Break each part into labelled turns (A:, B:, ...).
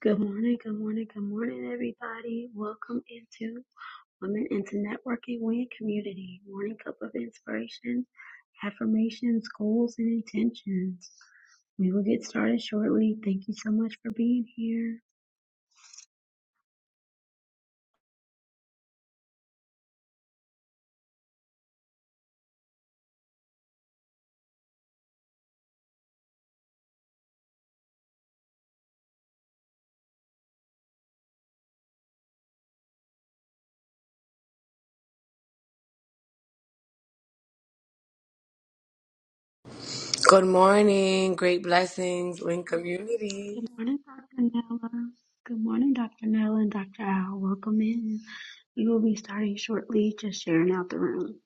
A: Good morning, good morning, good morning, everybody. Welcome into Women into Networking Win Community. Morning cup of inspiration, affirmations, goals, and intentions. We will get started shortly. Thank you so much for being here.
B: Good morning, great blessings, Win community.
A: Good morning, Dr. Nella. Good morning, Dr. Nella and Dr. Al. Welcome in. We will be starting shortly, just sharing out the room.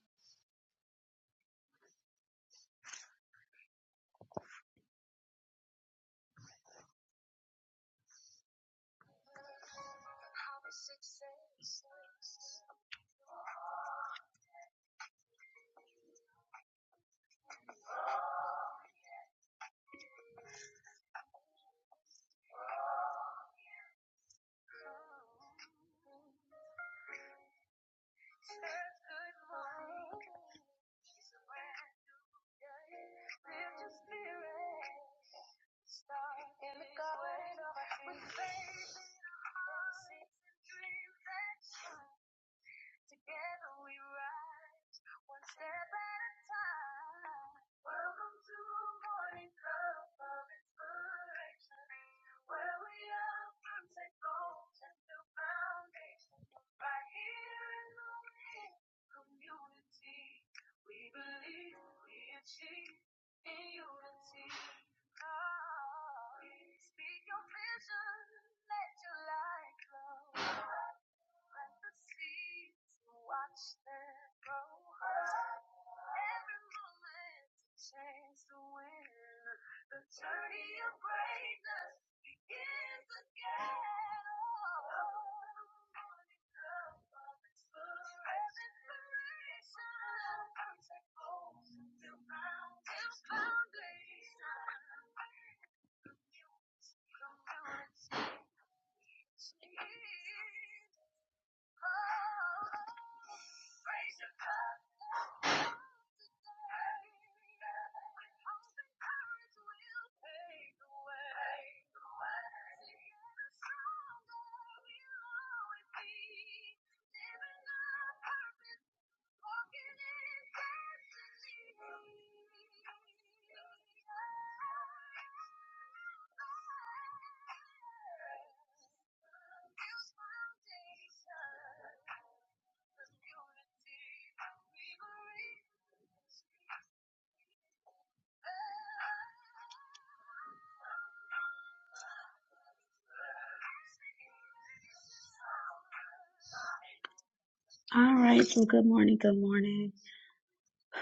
A: All right, so good morning, good morning.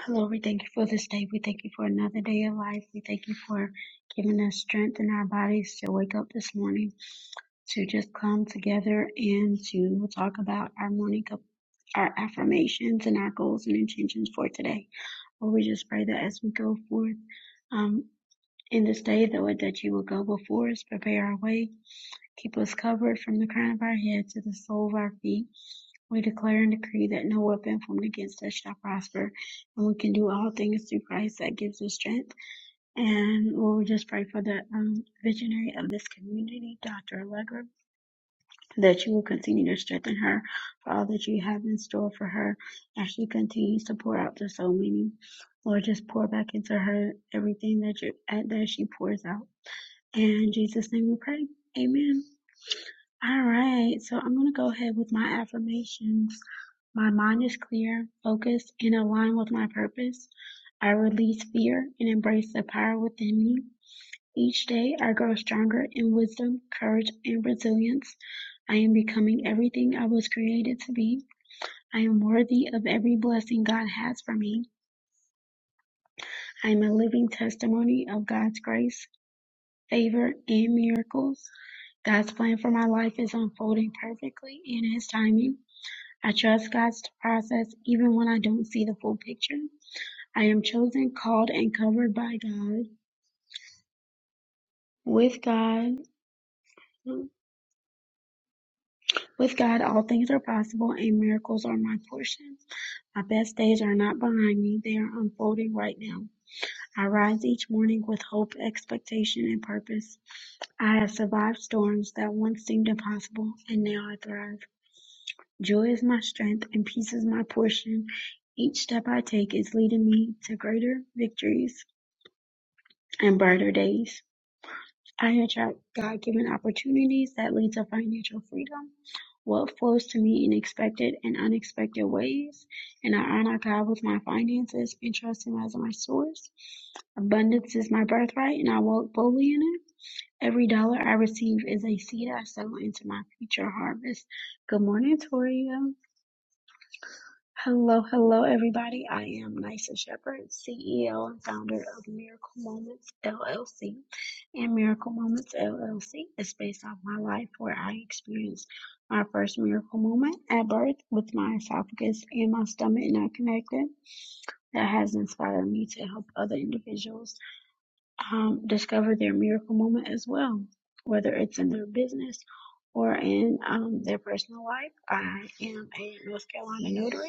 A: Lord, we thank you for this day. We thank you for another day of life. We thank you for giving us strength in our bodies to wake up this morning, to just come together and to talk about our morning cup, our affirmations and our goals and intentions for today. Lord, we just pray that as we go forth um, in this day, Lord, that you will go before us, prepare our way, keep us covered from the crown of our head to the sole of our feet. We declare and decree that no weapon formed against us shall prosper, and we can do all things through Christ that gives us strength. And Lord, we just pray for the um, visionary of this community, Dr. Allegra, that you will continue to strengthen her for all that you have in store for her as she continues to pour out to so many. Lord, just pour back into her everything that you that she pours out. In Jesus' name we pray. Amen. All right, so I'm going to go ahead with my affirmations. My mind is clear, focused, and aligned with my purpose. I release fear and embrace the power within me. Each day, I grow stronger in wisdom, courage, and resilience. I am becoming everything I was created to be. I am worthy of every blessing God has for me. I am a living testimony of God's grace, favor, and miracles. God's plan for my life is unfolding perfectly in His timing. I trust God's process even when I don't see the full picture. I am chosen, called, and covered by God. With God, with God, all things are possible and miracles are my portion. My best days are not behind me, they are unfolding right now. I rise each morning with hope, expectation, and purpose. I have survived storms that once seemed impossible, and now I thrive. Joy is my strength, and peace is my portion. Each step I take is leading me to greater victories. and brighter days. I attract God given opportunities that lead to financial freedom. Wealth flows to me in expected and unexpected ways, and I honor God with my finances and trust Him as my source. Abundance is my birthright, and I walk boldly in it. Every dollar I receive is a seed I sow into my future harvest. Good morning, Toria. Hello, hello, everybody. I am Nysa Shepherd, CEO and founder of Miracle Moments LLC. And Miracle Moments LLC is based off my life where I experienced my first miracle moment at birth with my esophagus and my stomach not connected. That has inspired me to help other individuals um, discover their miracle moment as well, whether it's in their business or in um, their personal life. I am a North Carolina notary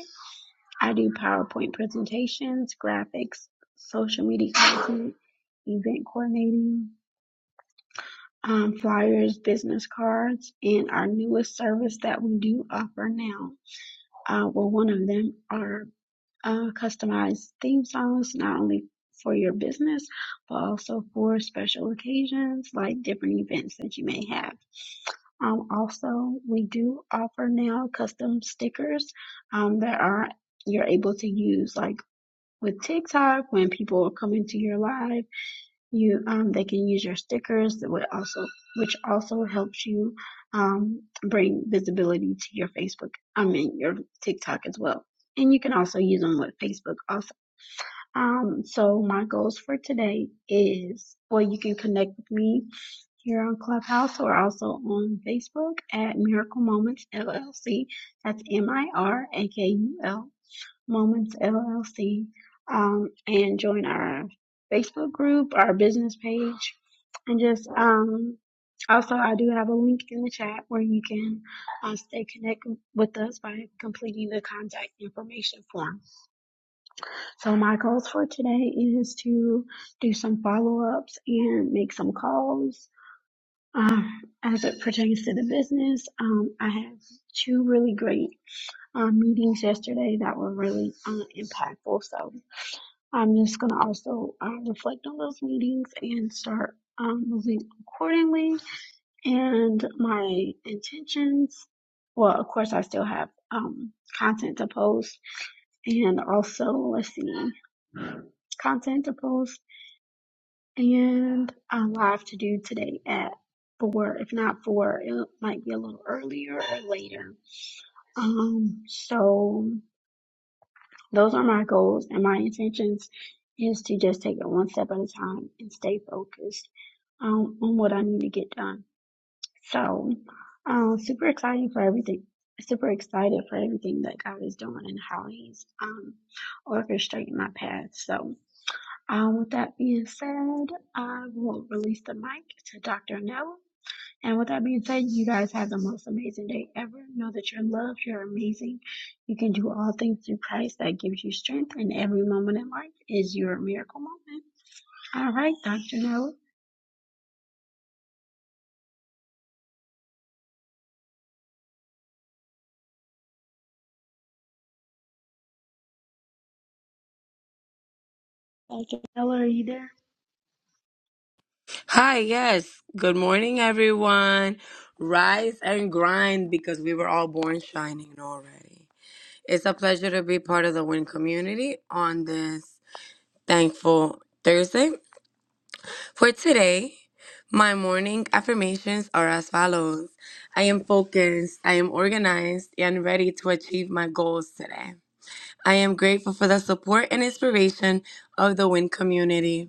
A: I do PowerPoint presentations, graphics, social media content, event coordinating, um, flyers, business cards, and our newest service that we do offer now. Uh, well, one of them are uh, customized theme songs, not only for your business, but also for special occasions like different events that you may have. Um, also, we do offer now custom stickers um, that are you're able to use like with TikTok, when people are coming to your live, you um they can use your stickers that would also which also helps you um bring visibility to your Facebook. I mean your TikTok as well. And you can also use them with Facebook also. Um so my goals for today is well you can connect with me here on Clubhouse or also on Facebook at Miracle Moments LLC. That's M I R A K U L Moments LLC um, and join our Facebook group, our business page, and just um, also I do have a link in the chat where you can uh, stay connected with us by completing the contact information form. So my goals for today is to do some follow ups and make some calls. Um, as it pertains to the business, um, I had two really great um, meetings yesterday that were really uh, impactful. So I'm just gonna also um, reflect on those meetings and start um, moving accordingly. And my intentions, well, of course, I still have um, content to post, and also let's see, content to post and a live to do today at four. If not four, it might be a little earlier or later. Um, so. Those are my goals and my intentions is to just take it one step at a time and stay focused um, on what I need to get done. So, um, super exciting for everything. Super excited for everything that God is doing and how He's um, orchestrating my path. So, um, with that being said, I will release the mic to Dr. Noah. And with that being said, you guys have the most amazing day ever. Know that you're loved, you're amazing. You can do all things through Christ that gives you strength, and every moment in life is your miracle moment. All right, Dr. Noah. Dr. Noah, are you there?
B: Hi, yes. Good morning, everyone. Rise and grind because we were all born shining already. It's a pleasure to be part of the Win community on this thankful Thursday. For today, my morning affirmations are as follows I am focused, I am organized, and ready to achieve my goals today. I am grateful for the support and inspiration of the Win community.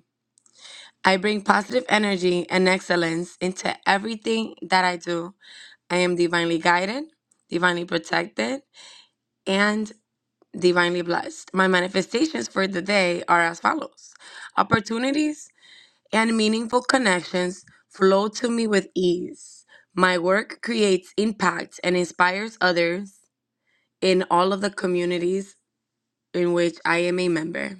B: I bring positive energy and excellence into everything that I do. I am divinely guided, divinely protected, and divinely blessed. My manifestations for the day are as follows Opportunities and meaningful connections flow to me with ease. My work creates impact and inspires others in all of the communities in which I am a member.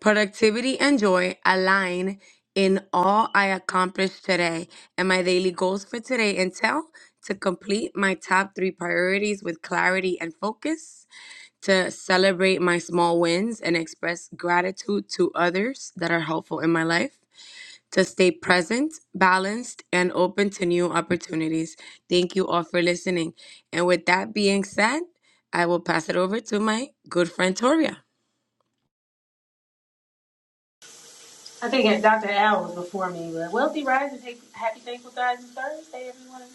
B: Productivity and joy align in all I accomplished today and my daily goals for today entail to complete my top three priorities with clarity and focus, to celebrate my small wins and express gratitude to others that are helpful in my life, to stay present, balanced, and open to new opportunities. Thank you all for listening. And with that being said, I will pass it over to my good friend Toria.
C: I think Dr. Al was before me, but Wealthy Rise and Take- Happy Thankful Guys is Thursday, everyone.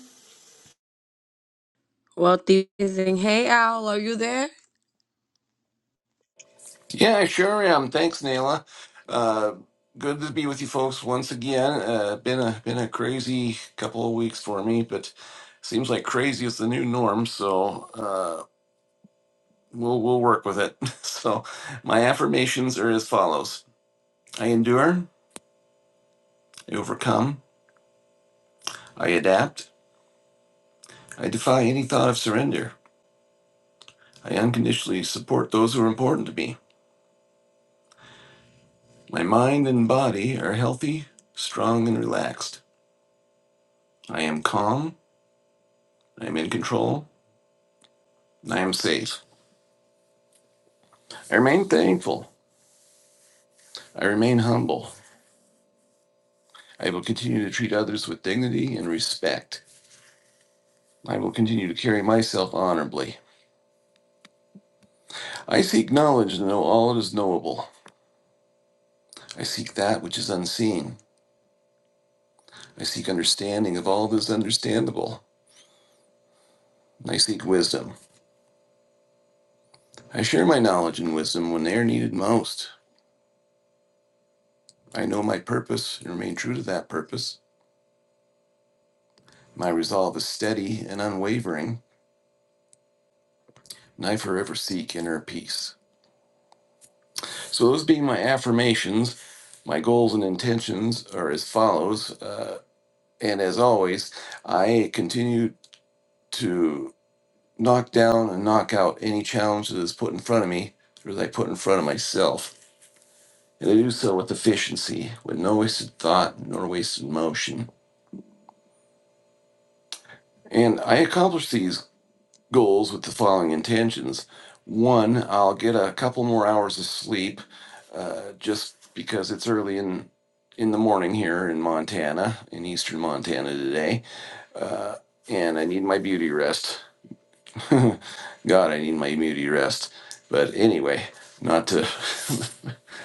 B: Wealthy Rising. Hey, Al, are you there?
D: Yeah, I sure am. Thanks, Naila. Uh, good to be with you folks once again. Uh, been a been a crazy couple of weeks for me, but seems like crazy is the new norm. So uh, we'll we'll work with it. So my affirmations are as follows: I endure, I overcome, I adapt, I defy any thought of surrender. I unconditionally support those who are important to me. My mind and body are healthy, strong, and relaxed. I am calm. I am in control. I am safe. I remain thankful. I remain humble. I will continue to treat others with dignity and respect. I will continue to carry myself honorably. I seek knowledge to know all that is knowable. I seek that which is unseen. I seek understanding of all that is understandable. I seek wisdom. I share my knowledge and wisdom when they are needed most. I know my purpose and remain true to that purpose. My resolve is steady and unwavering, and I forever seek inner peace. So, those being my affirmations, my goals and intentions are as follows. Uh, and as always, I continue to knock down and knock out any challenge that is put in front of me or that I put in front of myself. And I do so with efficiency, with no wasted thought, nor wasted motion. And I accomplish these goals with the following intentions. One, I'll get a couple more hours of sleep uh, just because it's early in in the morning here in Montana, in eastern Montana today, and I need my beauty rest. God, I need my beauty rest. But anyway, not to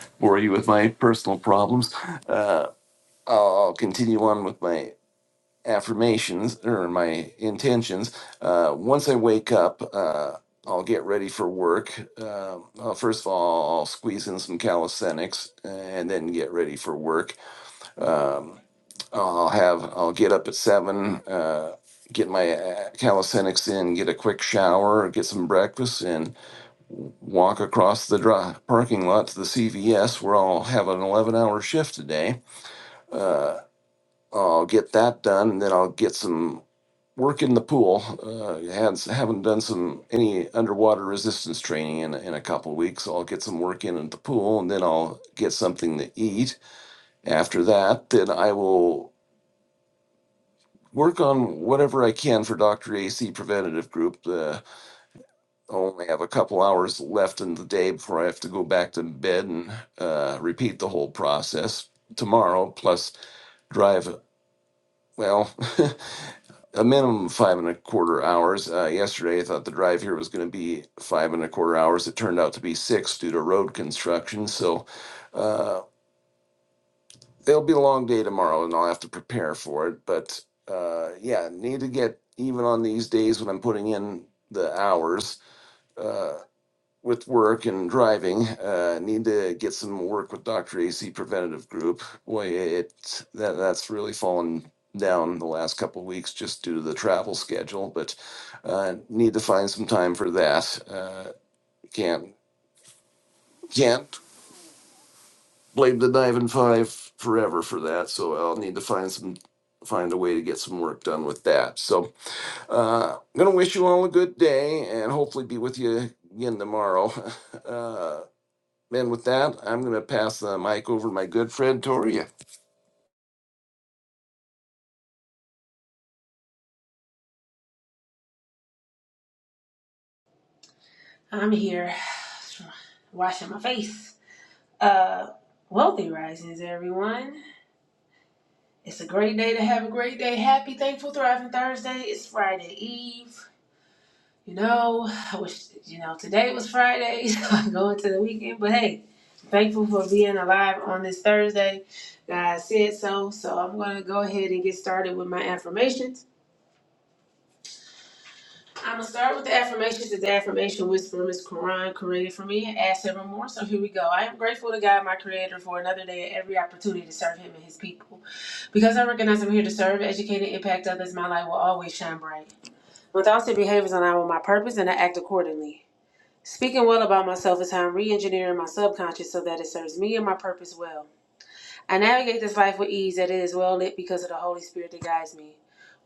D: bore you with my personal problems, uh, I'll I'll continue on with my affirmations or my intentions. Uh, once I wake up, uh, I'll get ready for work. Uh, well, first of all, I'll squeeze in some calisthenics and then get ready for work. Um, I'll have I'll get up at seven. Uh, Get my uh, calisthenics in, get a quick shower, get some breakfast, and walk across the dri parking lot to the CVS where I'll have an 11 hour shift today. Uh, I'll get that done, and then I'll get some work in the pool. Uh, has haven't done some any underwater resistance training in in a couple of weeks. I'll get some work in at the pool, and then I'll get something to eat. After that, then I will work on whatever I can for Doctor AC Preventative Group. Uh, I only have a couple hours left in the day before I have to go back to bed and uh, repeat the whole process tomorrow. Plus drive. Well, a minimum of five and a quarter hours. Uh, yesterday, I thought the drive here was going to be five and a quarter hours. It turned out to be six due to road construction. So uh, it'll be a long day tomorrow, and I'll have to prepare for it. But uh, yeah, need to get even on these days when I'm putting in the hours. Uh, with work and driving, uh, need to get some work with Dr. AC Preventative Group. Boy, it, that, that's really fallen down the last couple of weeks just due to the travel schedule, but, uh, need to find some time for that. Uh, can't, can't blame the dive and five forever for that, so I'll need to find some, find a way to get some work done with that. So, uh, I'm gonna wish you all a good day and hopefully be with you again tomorrow. Uh, And with that, I'm going to pass the mic over to my good friend Toria.
C: I'm here washing my face. Uh, Wealthy Risings, everyone. It's a great day to have a great day. Happy, thankful, thriving Thursday. It's Friday Eve. You know, I wish, you know, today was Friday, so I'm going to the weekend, but hey, thankful for being alive on this Thursday. God said so, so I'm going to go ahead and get started with my affirmations. I'm gonna start with the affirmations. It's the affirmation whisper Miss Quran created for me and add several more. So here we go. I am grateful to God, my Creator, for another day and every opportunity to serve Him and His people. Because I recognize I'm here to serve, educate, and impact others, my light will always shine bright. With thoughts and behaviors align with my purpose, and I act accordingly. Speaking well about myself is how I'm re-engineering my subconscious so that it serves me and my purpose well. I navigate this life with ease that it is well lit because of the Holy Spirit that guides me.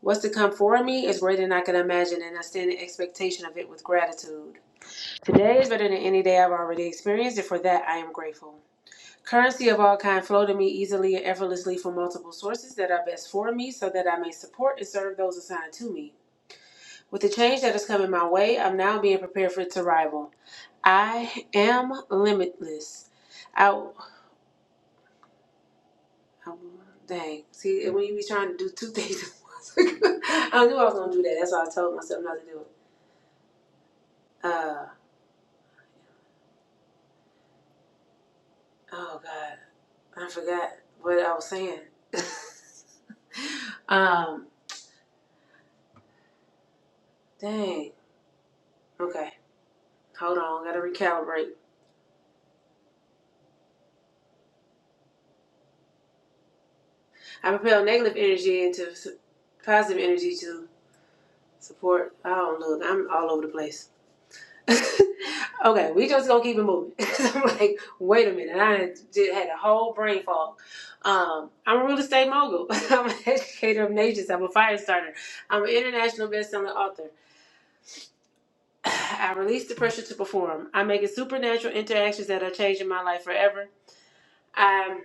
C: What's to come for me is greater than I can imagine, and I stand in expectation of it with gratitude. Today is better than any day I've already experienced, and for that I am grateful. Currency of all kind flow to me easily and effortlessly from multiple sources that are best for me so that I may support and serve those assigned to me. With the change that is coming my way, I'm now being prepared for its arrival. I am limitless. I. Um, dang. See, when you be trying to do two things at once, I knew I was gonna do that. That's why I told myself not to do it. Uh, oh God, I forgot what I was saying. um, dang. Okay, hold on. Gotta recalibrate. I propel negative energy into s- positive energy to support. Oh look, I'm all over the place. okay, we just gonna keep it moving. 'Cause I'm like, wait a minute, I done did, had a whole brain fog. Um, I'm a real estate mogul. I'm an educator of nations. I'm a fire starter. I'm an international best-selling author. I release the pressure to perform. I'm making supernatural interactions that are changing my life forever. I'm.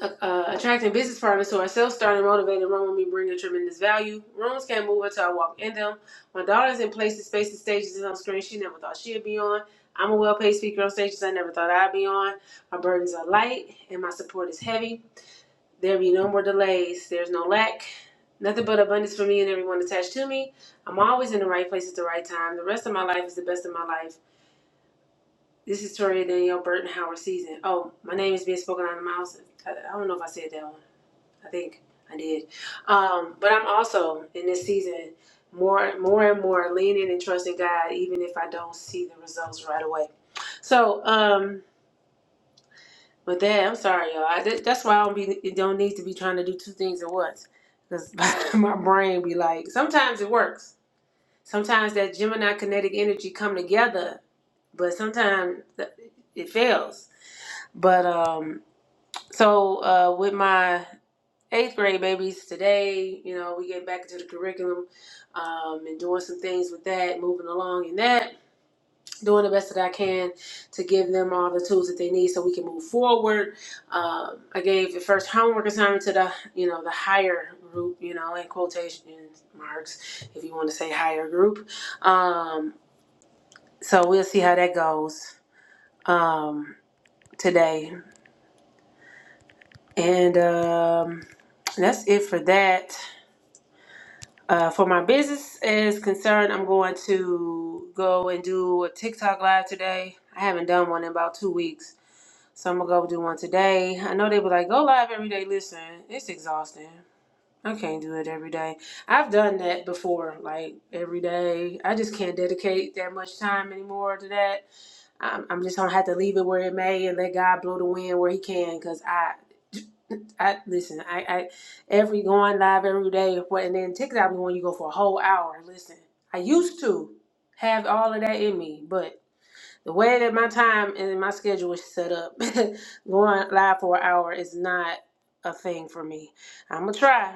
C: uh, attracting business partners who are self-starting, motivated, run with me, bringing tremendous value. Rooms can't move until I walk in them. My daughter's in places, spaces, stages, and on screen she never thought she'd be on. I'm a well-paid speaker on stages I never thought I'd be on. My burdens are light and my support is heavy. There be no more delays. There's no lack. Nothing but abundance for me and everyone attached to me. I'm always in the right place at the right time. The rest of my life is the best of my life. This is Toria Danielle Burton Howard season. Oh, my name is being spoken out of my house. I, I don't know if I said that one. I think I did. Um, but I'm also in this season more, more and more leaning and trusting God, even if I don't see the results right away. So, um, with that, I'm sorry, y'all. I, that, that's why I don't be don't need to be trying to do two things at once, because my brain be like. Sometimes it works. Sometimes that Gemini kinetic energy come together, but sometimes it fails. But um, so uh, with my eighth grade babies today you know we get back into the curriculum um, and doing some things with that moving along in that doing the best that i can to give them all the tools that they need so we can move forward um, i gave the first homework assignment to the you know the higher group you know in quotation marks if you want to say higher group um, so we'll see how that goes um, today and um, that's it for that Uh, for my business is concerned, I'm going to go and do a TikTok live today. I haven't done one in about two weeks, so I'm gonna go do one today. I know they were like, go live every day. Listen, it's exhausting. I can't do it every day. I've done that before, like every day. I just can't dedicate that much time anymore to that. I'm, I'm just gonna have to leave it where it may and let God blow the wind where He can, cause I I listen. I, I every going live every day, but and then TikTok when you go for a whole hour. Listen, I used to have all of that in me, but the way that my time and my schedule is set up, going live for an hour is not a thing for me. I'm gonna try.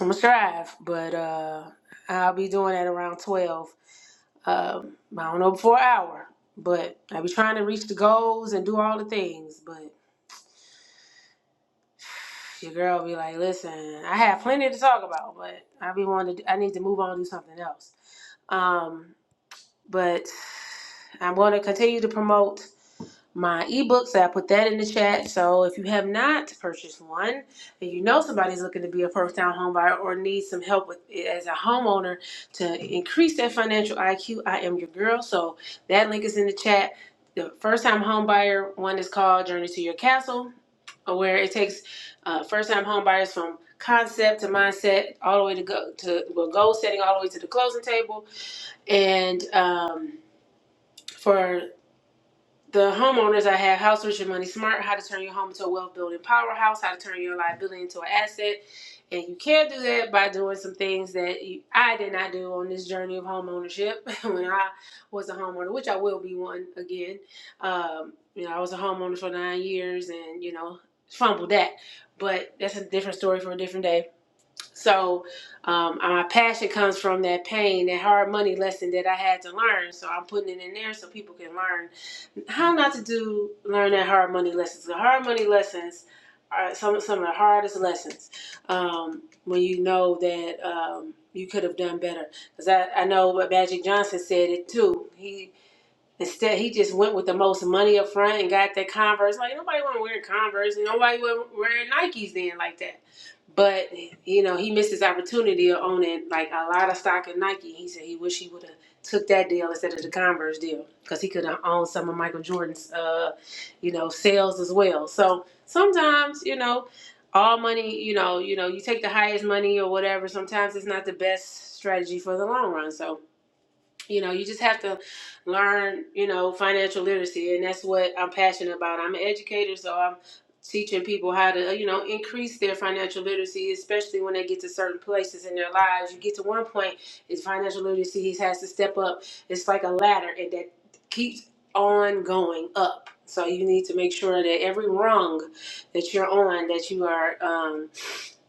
C: I'm gonna strive, but uh, I'll be doing that around twelve. Um, I don't know before an hour, but I be trying to reach the goals and do all the things, but. Your girl be like, listen, I have plenty to talk about, but I be wanting to, I need to move on and do something else. Um, but I'm going to continue to promote my ebook. So I put that in the chat. So if you have not purchased one and you know somebody's looking to be a first time home buyer or needs some help with as a homeowner to increase their financial IQ, I am your girl. So that link is in the chat. The first time homebuyer one is called Journey to Your Castle, where it takes uh, first time homebuyers from concept to mindset all the way to go to well, goal setting all the way to the closing table and um, for the homeowners, I have House Rich and Money Smart, how to turn your home into a wealth building powerhouse, how to turn your liability into an asset. And you can do that by doing some things that you, I did not do on this journey of home ownership when I was a homeowner, which I will be one again. Um, you know, I was a homeowner for nine years and, you know, fumbled that. But that's a different story for a different day. So um, my passion comes from that pain, that hard money lesson that I had to learn. So I'm putting it in there so people can learn how not to do learn that hard money lessons. The hard money lessons are some some of the hardest lessons um, when you know that um, you could have done better. Because I, I know what Magic Johnson said it too. He Instead, he just went with the most money up front and got that Converse. Like nobody want to wear Converse, and nobody was wearing Nikes then like that. But you know, he missed his opportunity of owning like a lot of stock in Nike. He said he wish he would have took that deal instead of the Converse deal because he could have owned some of Michael Jordan's, uh, you know, sales as well. So sometimes, you know, all money, you know, you know, you take the highest money or whatever. Sometimes it's not the best strategy for the long run. So you know you just have to learn you know financial literacy and that's what i'm passionate about i'm an educator so i'm teaching people how to you know increase their financial literacy especially when they get to certain places in their lives you get to one point it's financial literacy has to step up it's like a ladder and that keeps on going up so you need to make sure that every rung that you're on that you are um,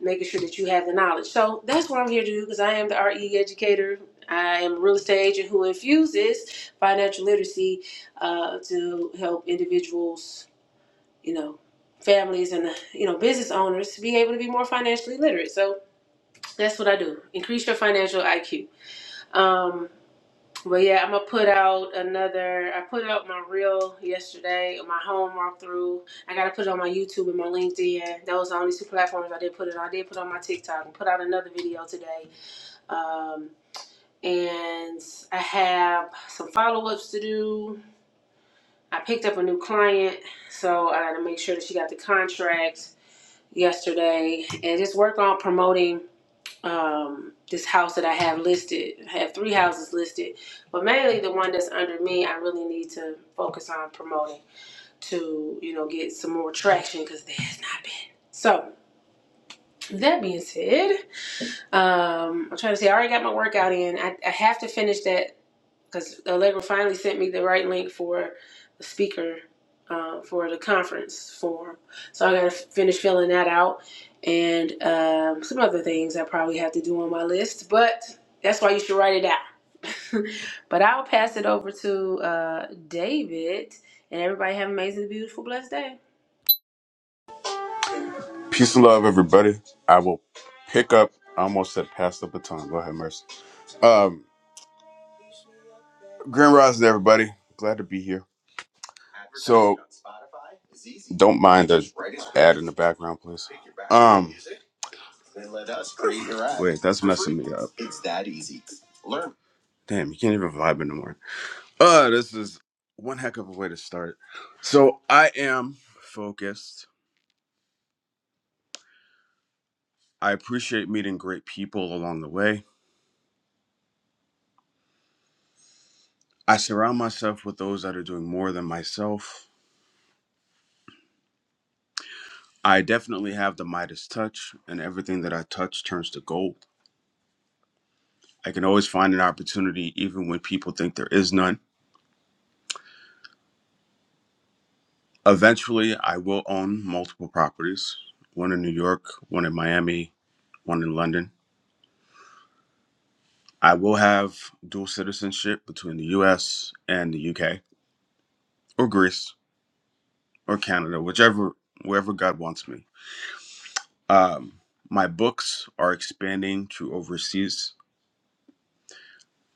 C: making sure that you have the knowledge. So that's what I'm here to do because I am the RE educator. I am a real estate agent who infuses financial literacy uh, to help individuals, you know, families and you know business owners to be able to be more financially literate. So that's what I do. Increase your financial IQ. Um, but yeah, I'm gonna put out another. I put out my reel yesterday, my home walkthrough. I gotta put it on my YouTube and my LinkedIn. Those are the only two platforms I did put it. on. I did put it on my TikTok and put out another video today. Um, and I have some follow ups to do. I picked up a new client, so I gotta make sure that she got the contract yesterday, and just work on promoting um this house that I have listed. I have three houses listed, but mainly the one that's under me, I really need to focus on promoting to, you know, get some more traction because there has not been. So that being said, um, I'm trying to say I already got my workout in. I, I have to finish that because Allegra finally sent me the right link for the speaker uh, for the conference form. So I got to finish filling that out and um, some other things I probably have to do on my list, but that's why you should write it out. but I'll pass it over to uh, David, and everybody have an amazing, beautiful, blessed day.
E: Peace and love, everybody. I will pick up. I almost said pass the baton. Go ahead, Mercy. Um, Grand Rising, everybody. Glad to be here. So, don't mind the ad in the background, please. Um, wait, that's messing me up. Damn, you can't even vibe anymore. the Uh, this is one heck of a way to start. So, I am focused. I appreciate meeting great people along the way. I surround myself with those that are doing more than myself. I definitely have the Midas touch, and everything that I touch turns to gold. I can always find an opportunity even when people think there is none. Eventually, I will own multiple properties one in New York, one in Miami, one in London. I will have dual citizenship between the US and the UK, or Greece, or Canada, whichever, wherever God wants me. Um, my books are expanding to overseas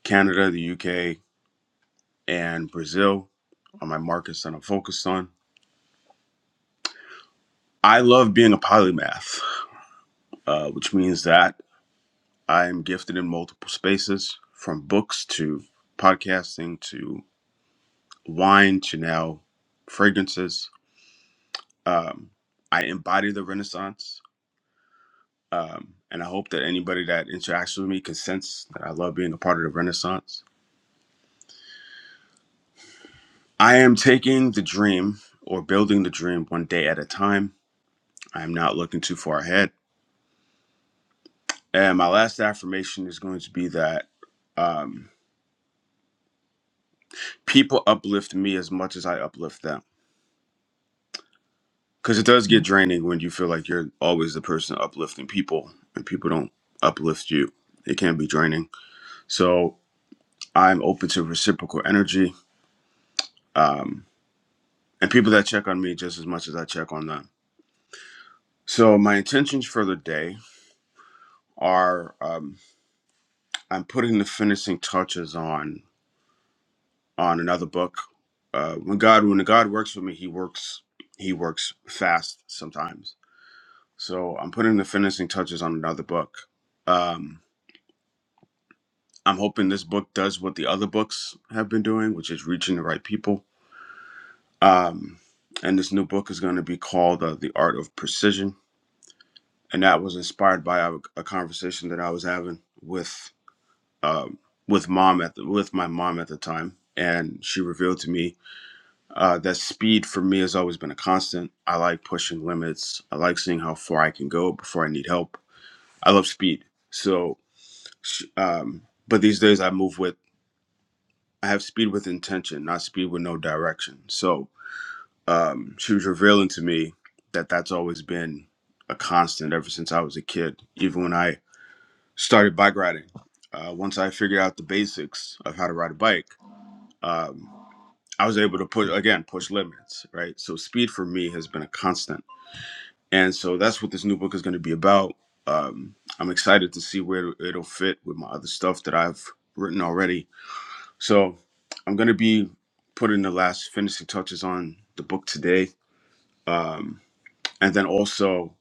E: Canada, the UK, and Brazil are my markets that I'm focused on. I love being a polymath, uh, which means that I am gifted in multiple spaces from books to podcasting to wine to now fragrances. Um, I embody the Renaissance. Um, and I hope that anybody that interacts with me can sense that I love being a part of the Renaissance. I am taking the dream or building the dream one day at a time. I am not looking too far ahead. And my last affirmation is going to be that um, people uplift me as much as I uplift them. Because it does get draining when you feel like you're always the person uplifting people and people don't uplift you. It can be draining. So I'm open to reciprocal energy um, and people that check on me just as much as I check on them. So my intentions for the day are um, I'm putting the finishing touches on on another book. Uh, when God when God works for me, He works He works fast sometimes. So I'm putting the finishing touches on another book. Um, I'm hoping this book does what the other books have been doing, which is reaching the right people. Um, and this new book is going to be called uh, "The Art of Precision," and that was inspired by a, a conversation that I was having with um, with mom at the, with my mom at the time, and she revealed to me Uh, that speed for me has always been a constant. I like pushing limits. I like seeing how far I can go before I need help. I love speed. So, sh- um, but these days I move with, I have speed with intention, not speed with no direction. So um, she was revealing to me that that's always been a constant ever since I was a kid, even when I started bike riding. Uh, once I figured out the basics of how to ride a bike, um, I was able to push again, push limits, right? So speed for me has been a constant and so that's what this new book is going to be about um, i'm excited to see where it'll fit with my other stuff that i've written already so i'm going to be putting the last finishing touches on the book today um, and then also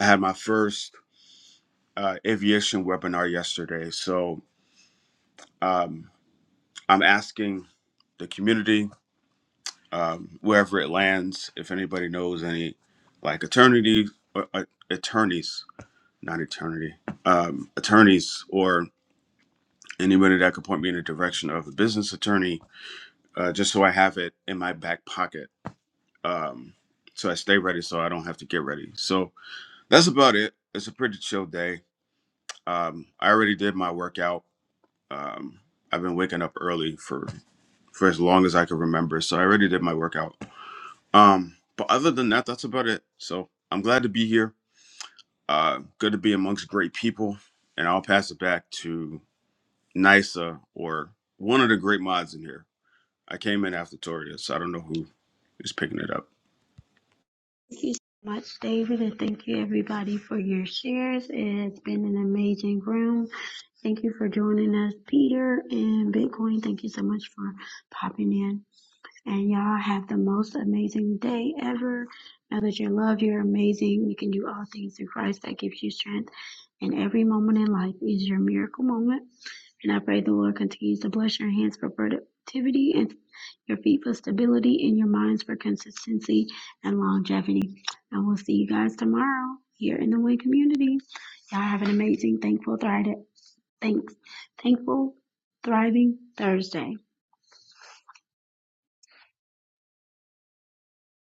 E: i had my first uh, aviation webinar yesterday so um, i'm asking the community um, wherever it lands if anybody knows any like attorney uh, uh, attorneys not eternity, um, attorneys or anybody that could point me in the direction of a business attorney, uh, just so I have it in my back pocket. Um, so I stay ready so I don't have to get ready. So that's about it. It's a pretty chill day. Um, I already did my workout. Um, I've been waking up early for, for as long as I can remember. So I already did my workout. Um, but other than that, that's about it. So I'm glad to be here. Uh, good to be amongst great people. And I'll pass it back to Nisa or one of the great mods in here. I came in after Toria, so I don't know who is picking it up.
A: Thank you so much, David, and thank you everybody for your shares. It's been an amazing room. Thank you for joining us, Peter and Bitcoin. Thank you so much for popping in. And y'all have the most amazing day ever. Know that you're loved, you're amazing. You can do all things through Christ that gives you strength. And every moment in life is your miracle moment. And I pray the Lord continues to bless your hands for productivity and your feet for stability and your minds for consistency and longevity. And we'll see you guys tomorrow here in the Way community. Y'all have an amazing, thankful, thriving, thanks, thankful, thriving Thursday.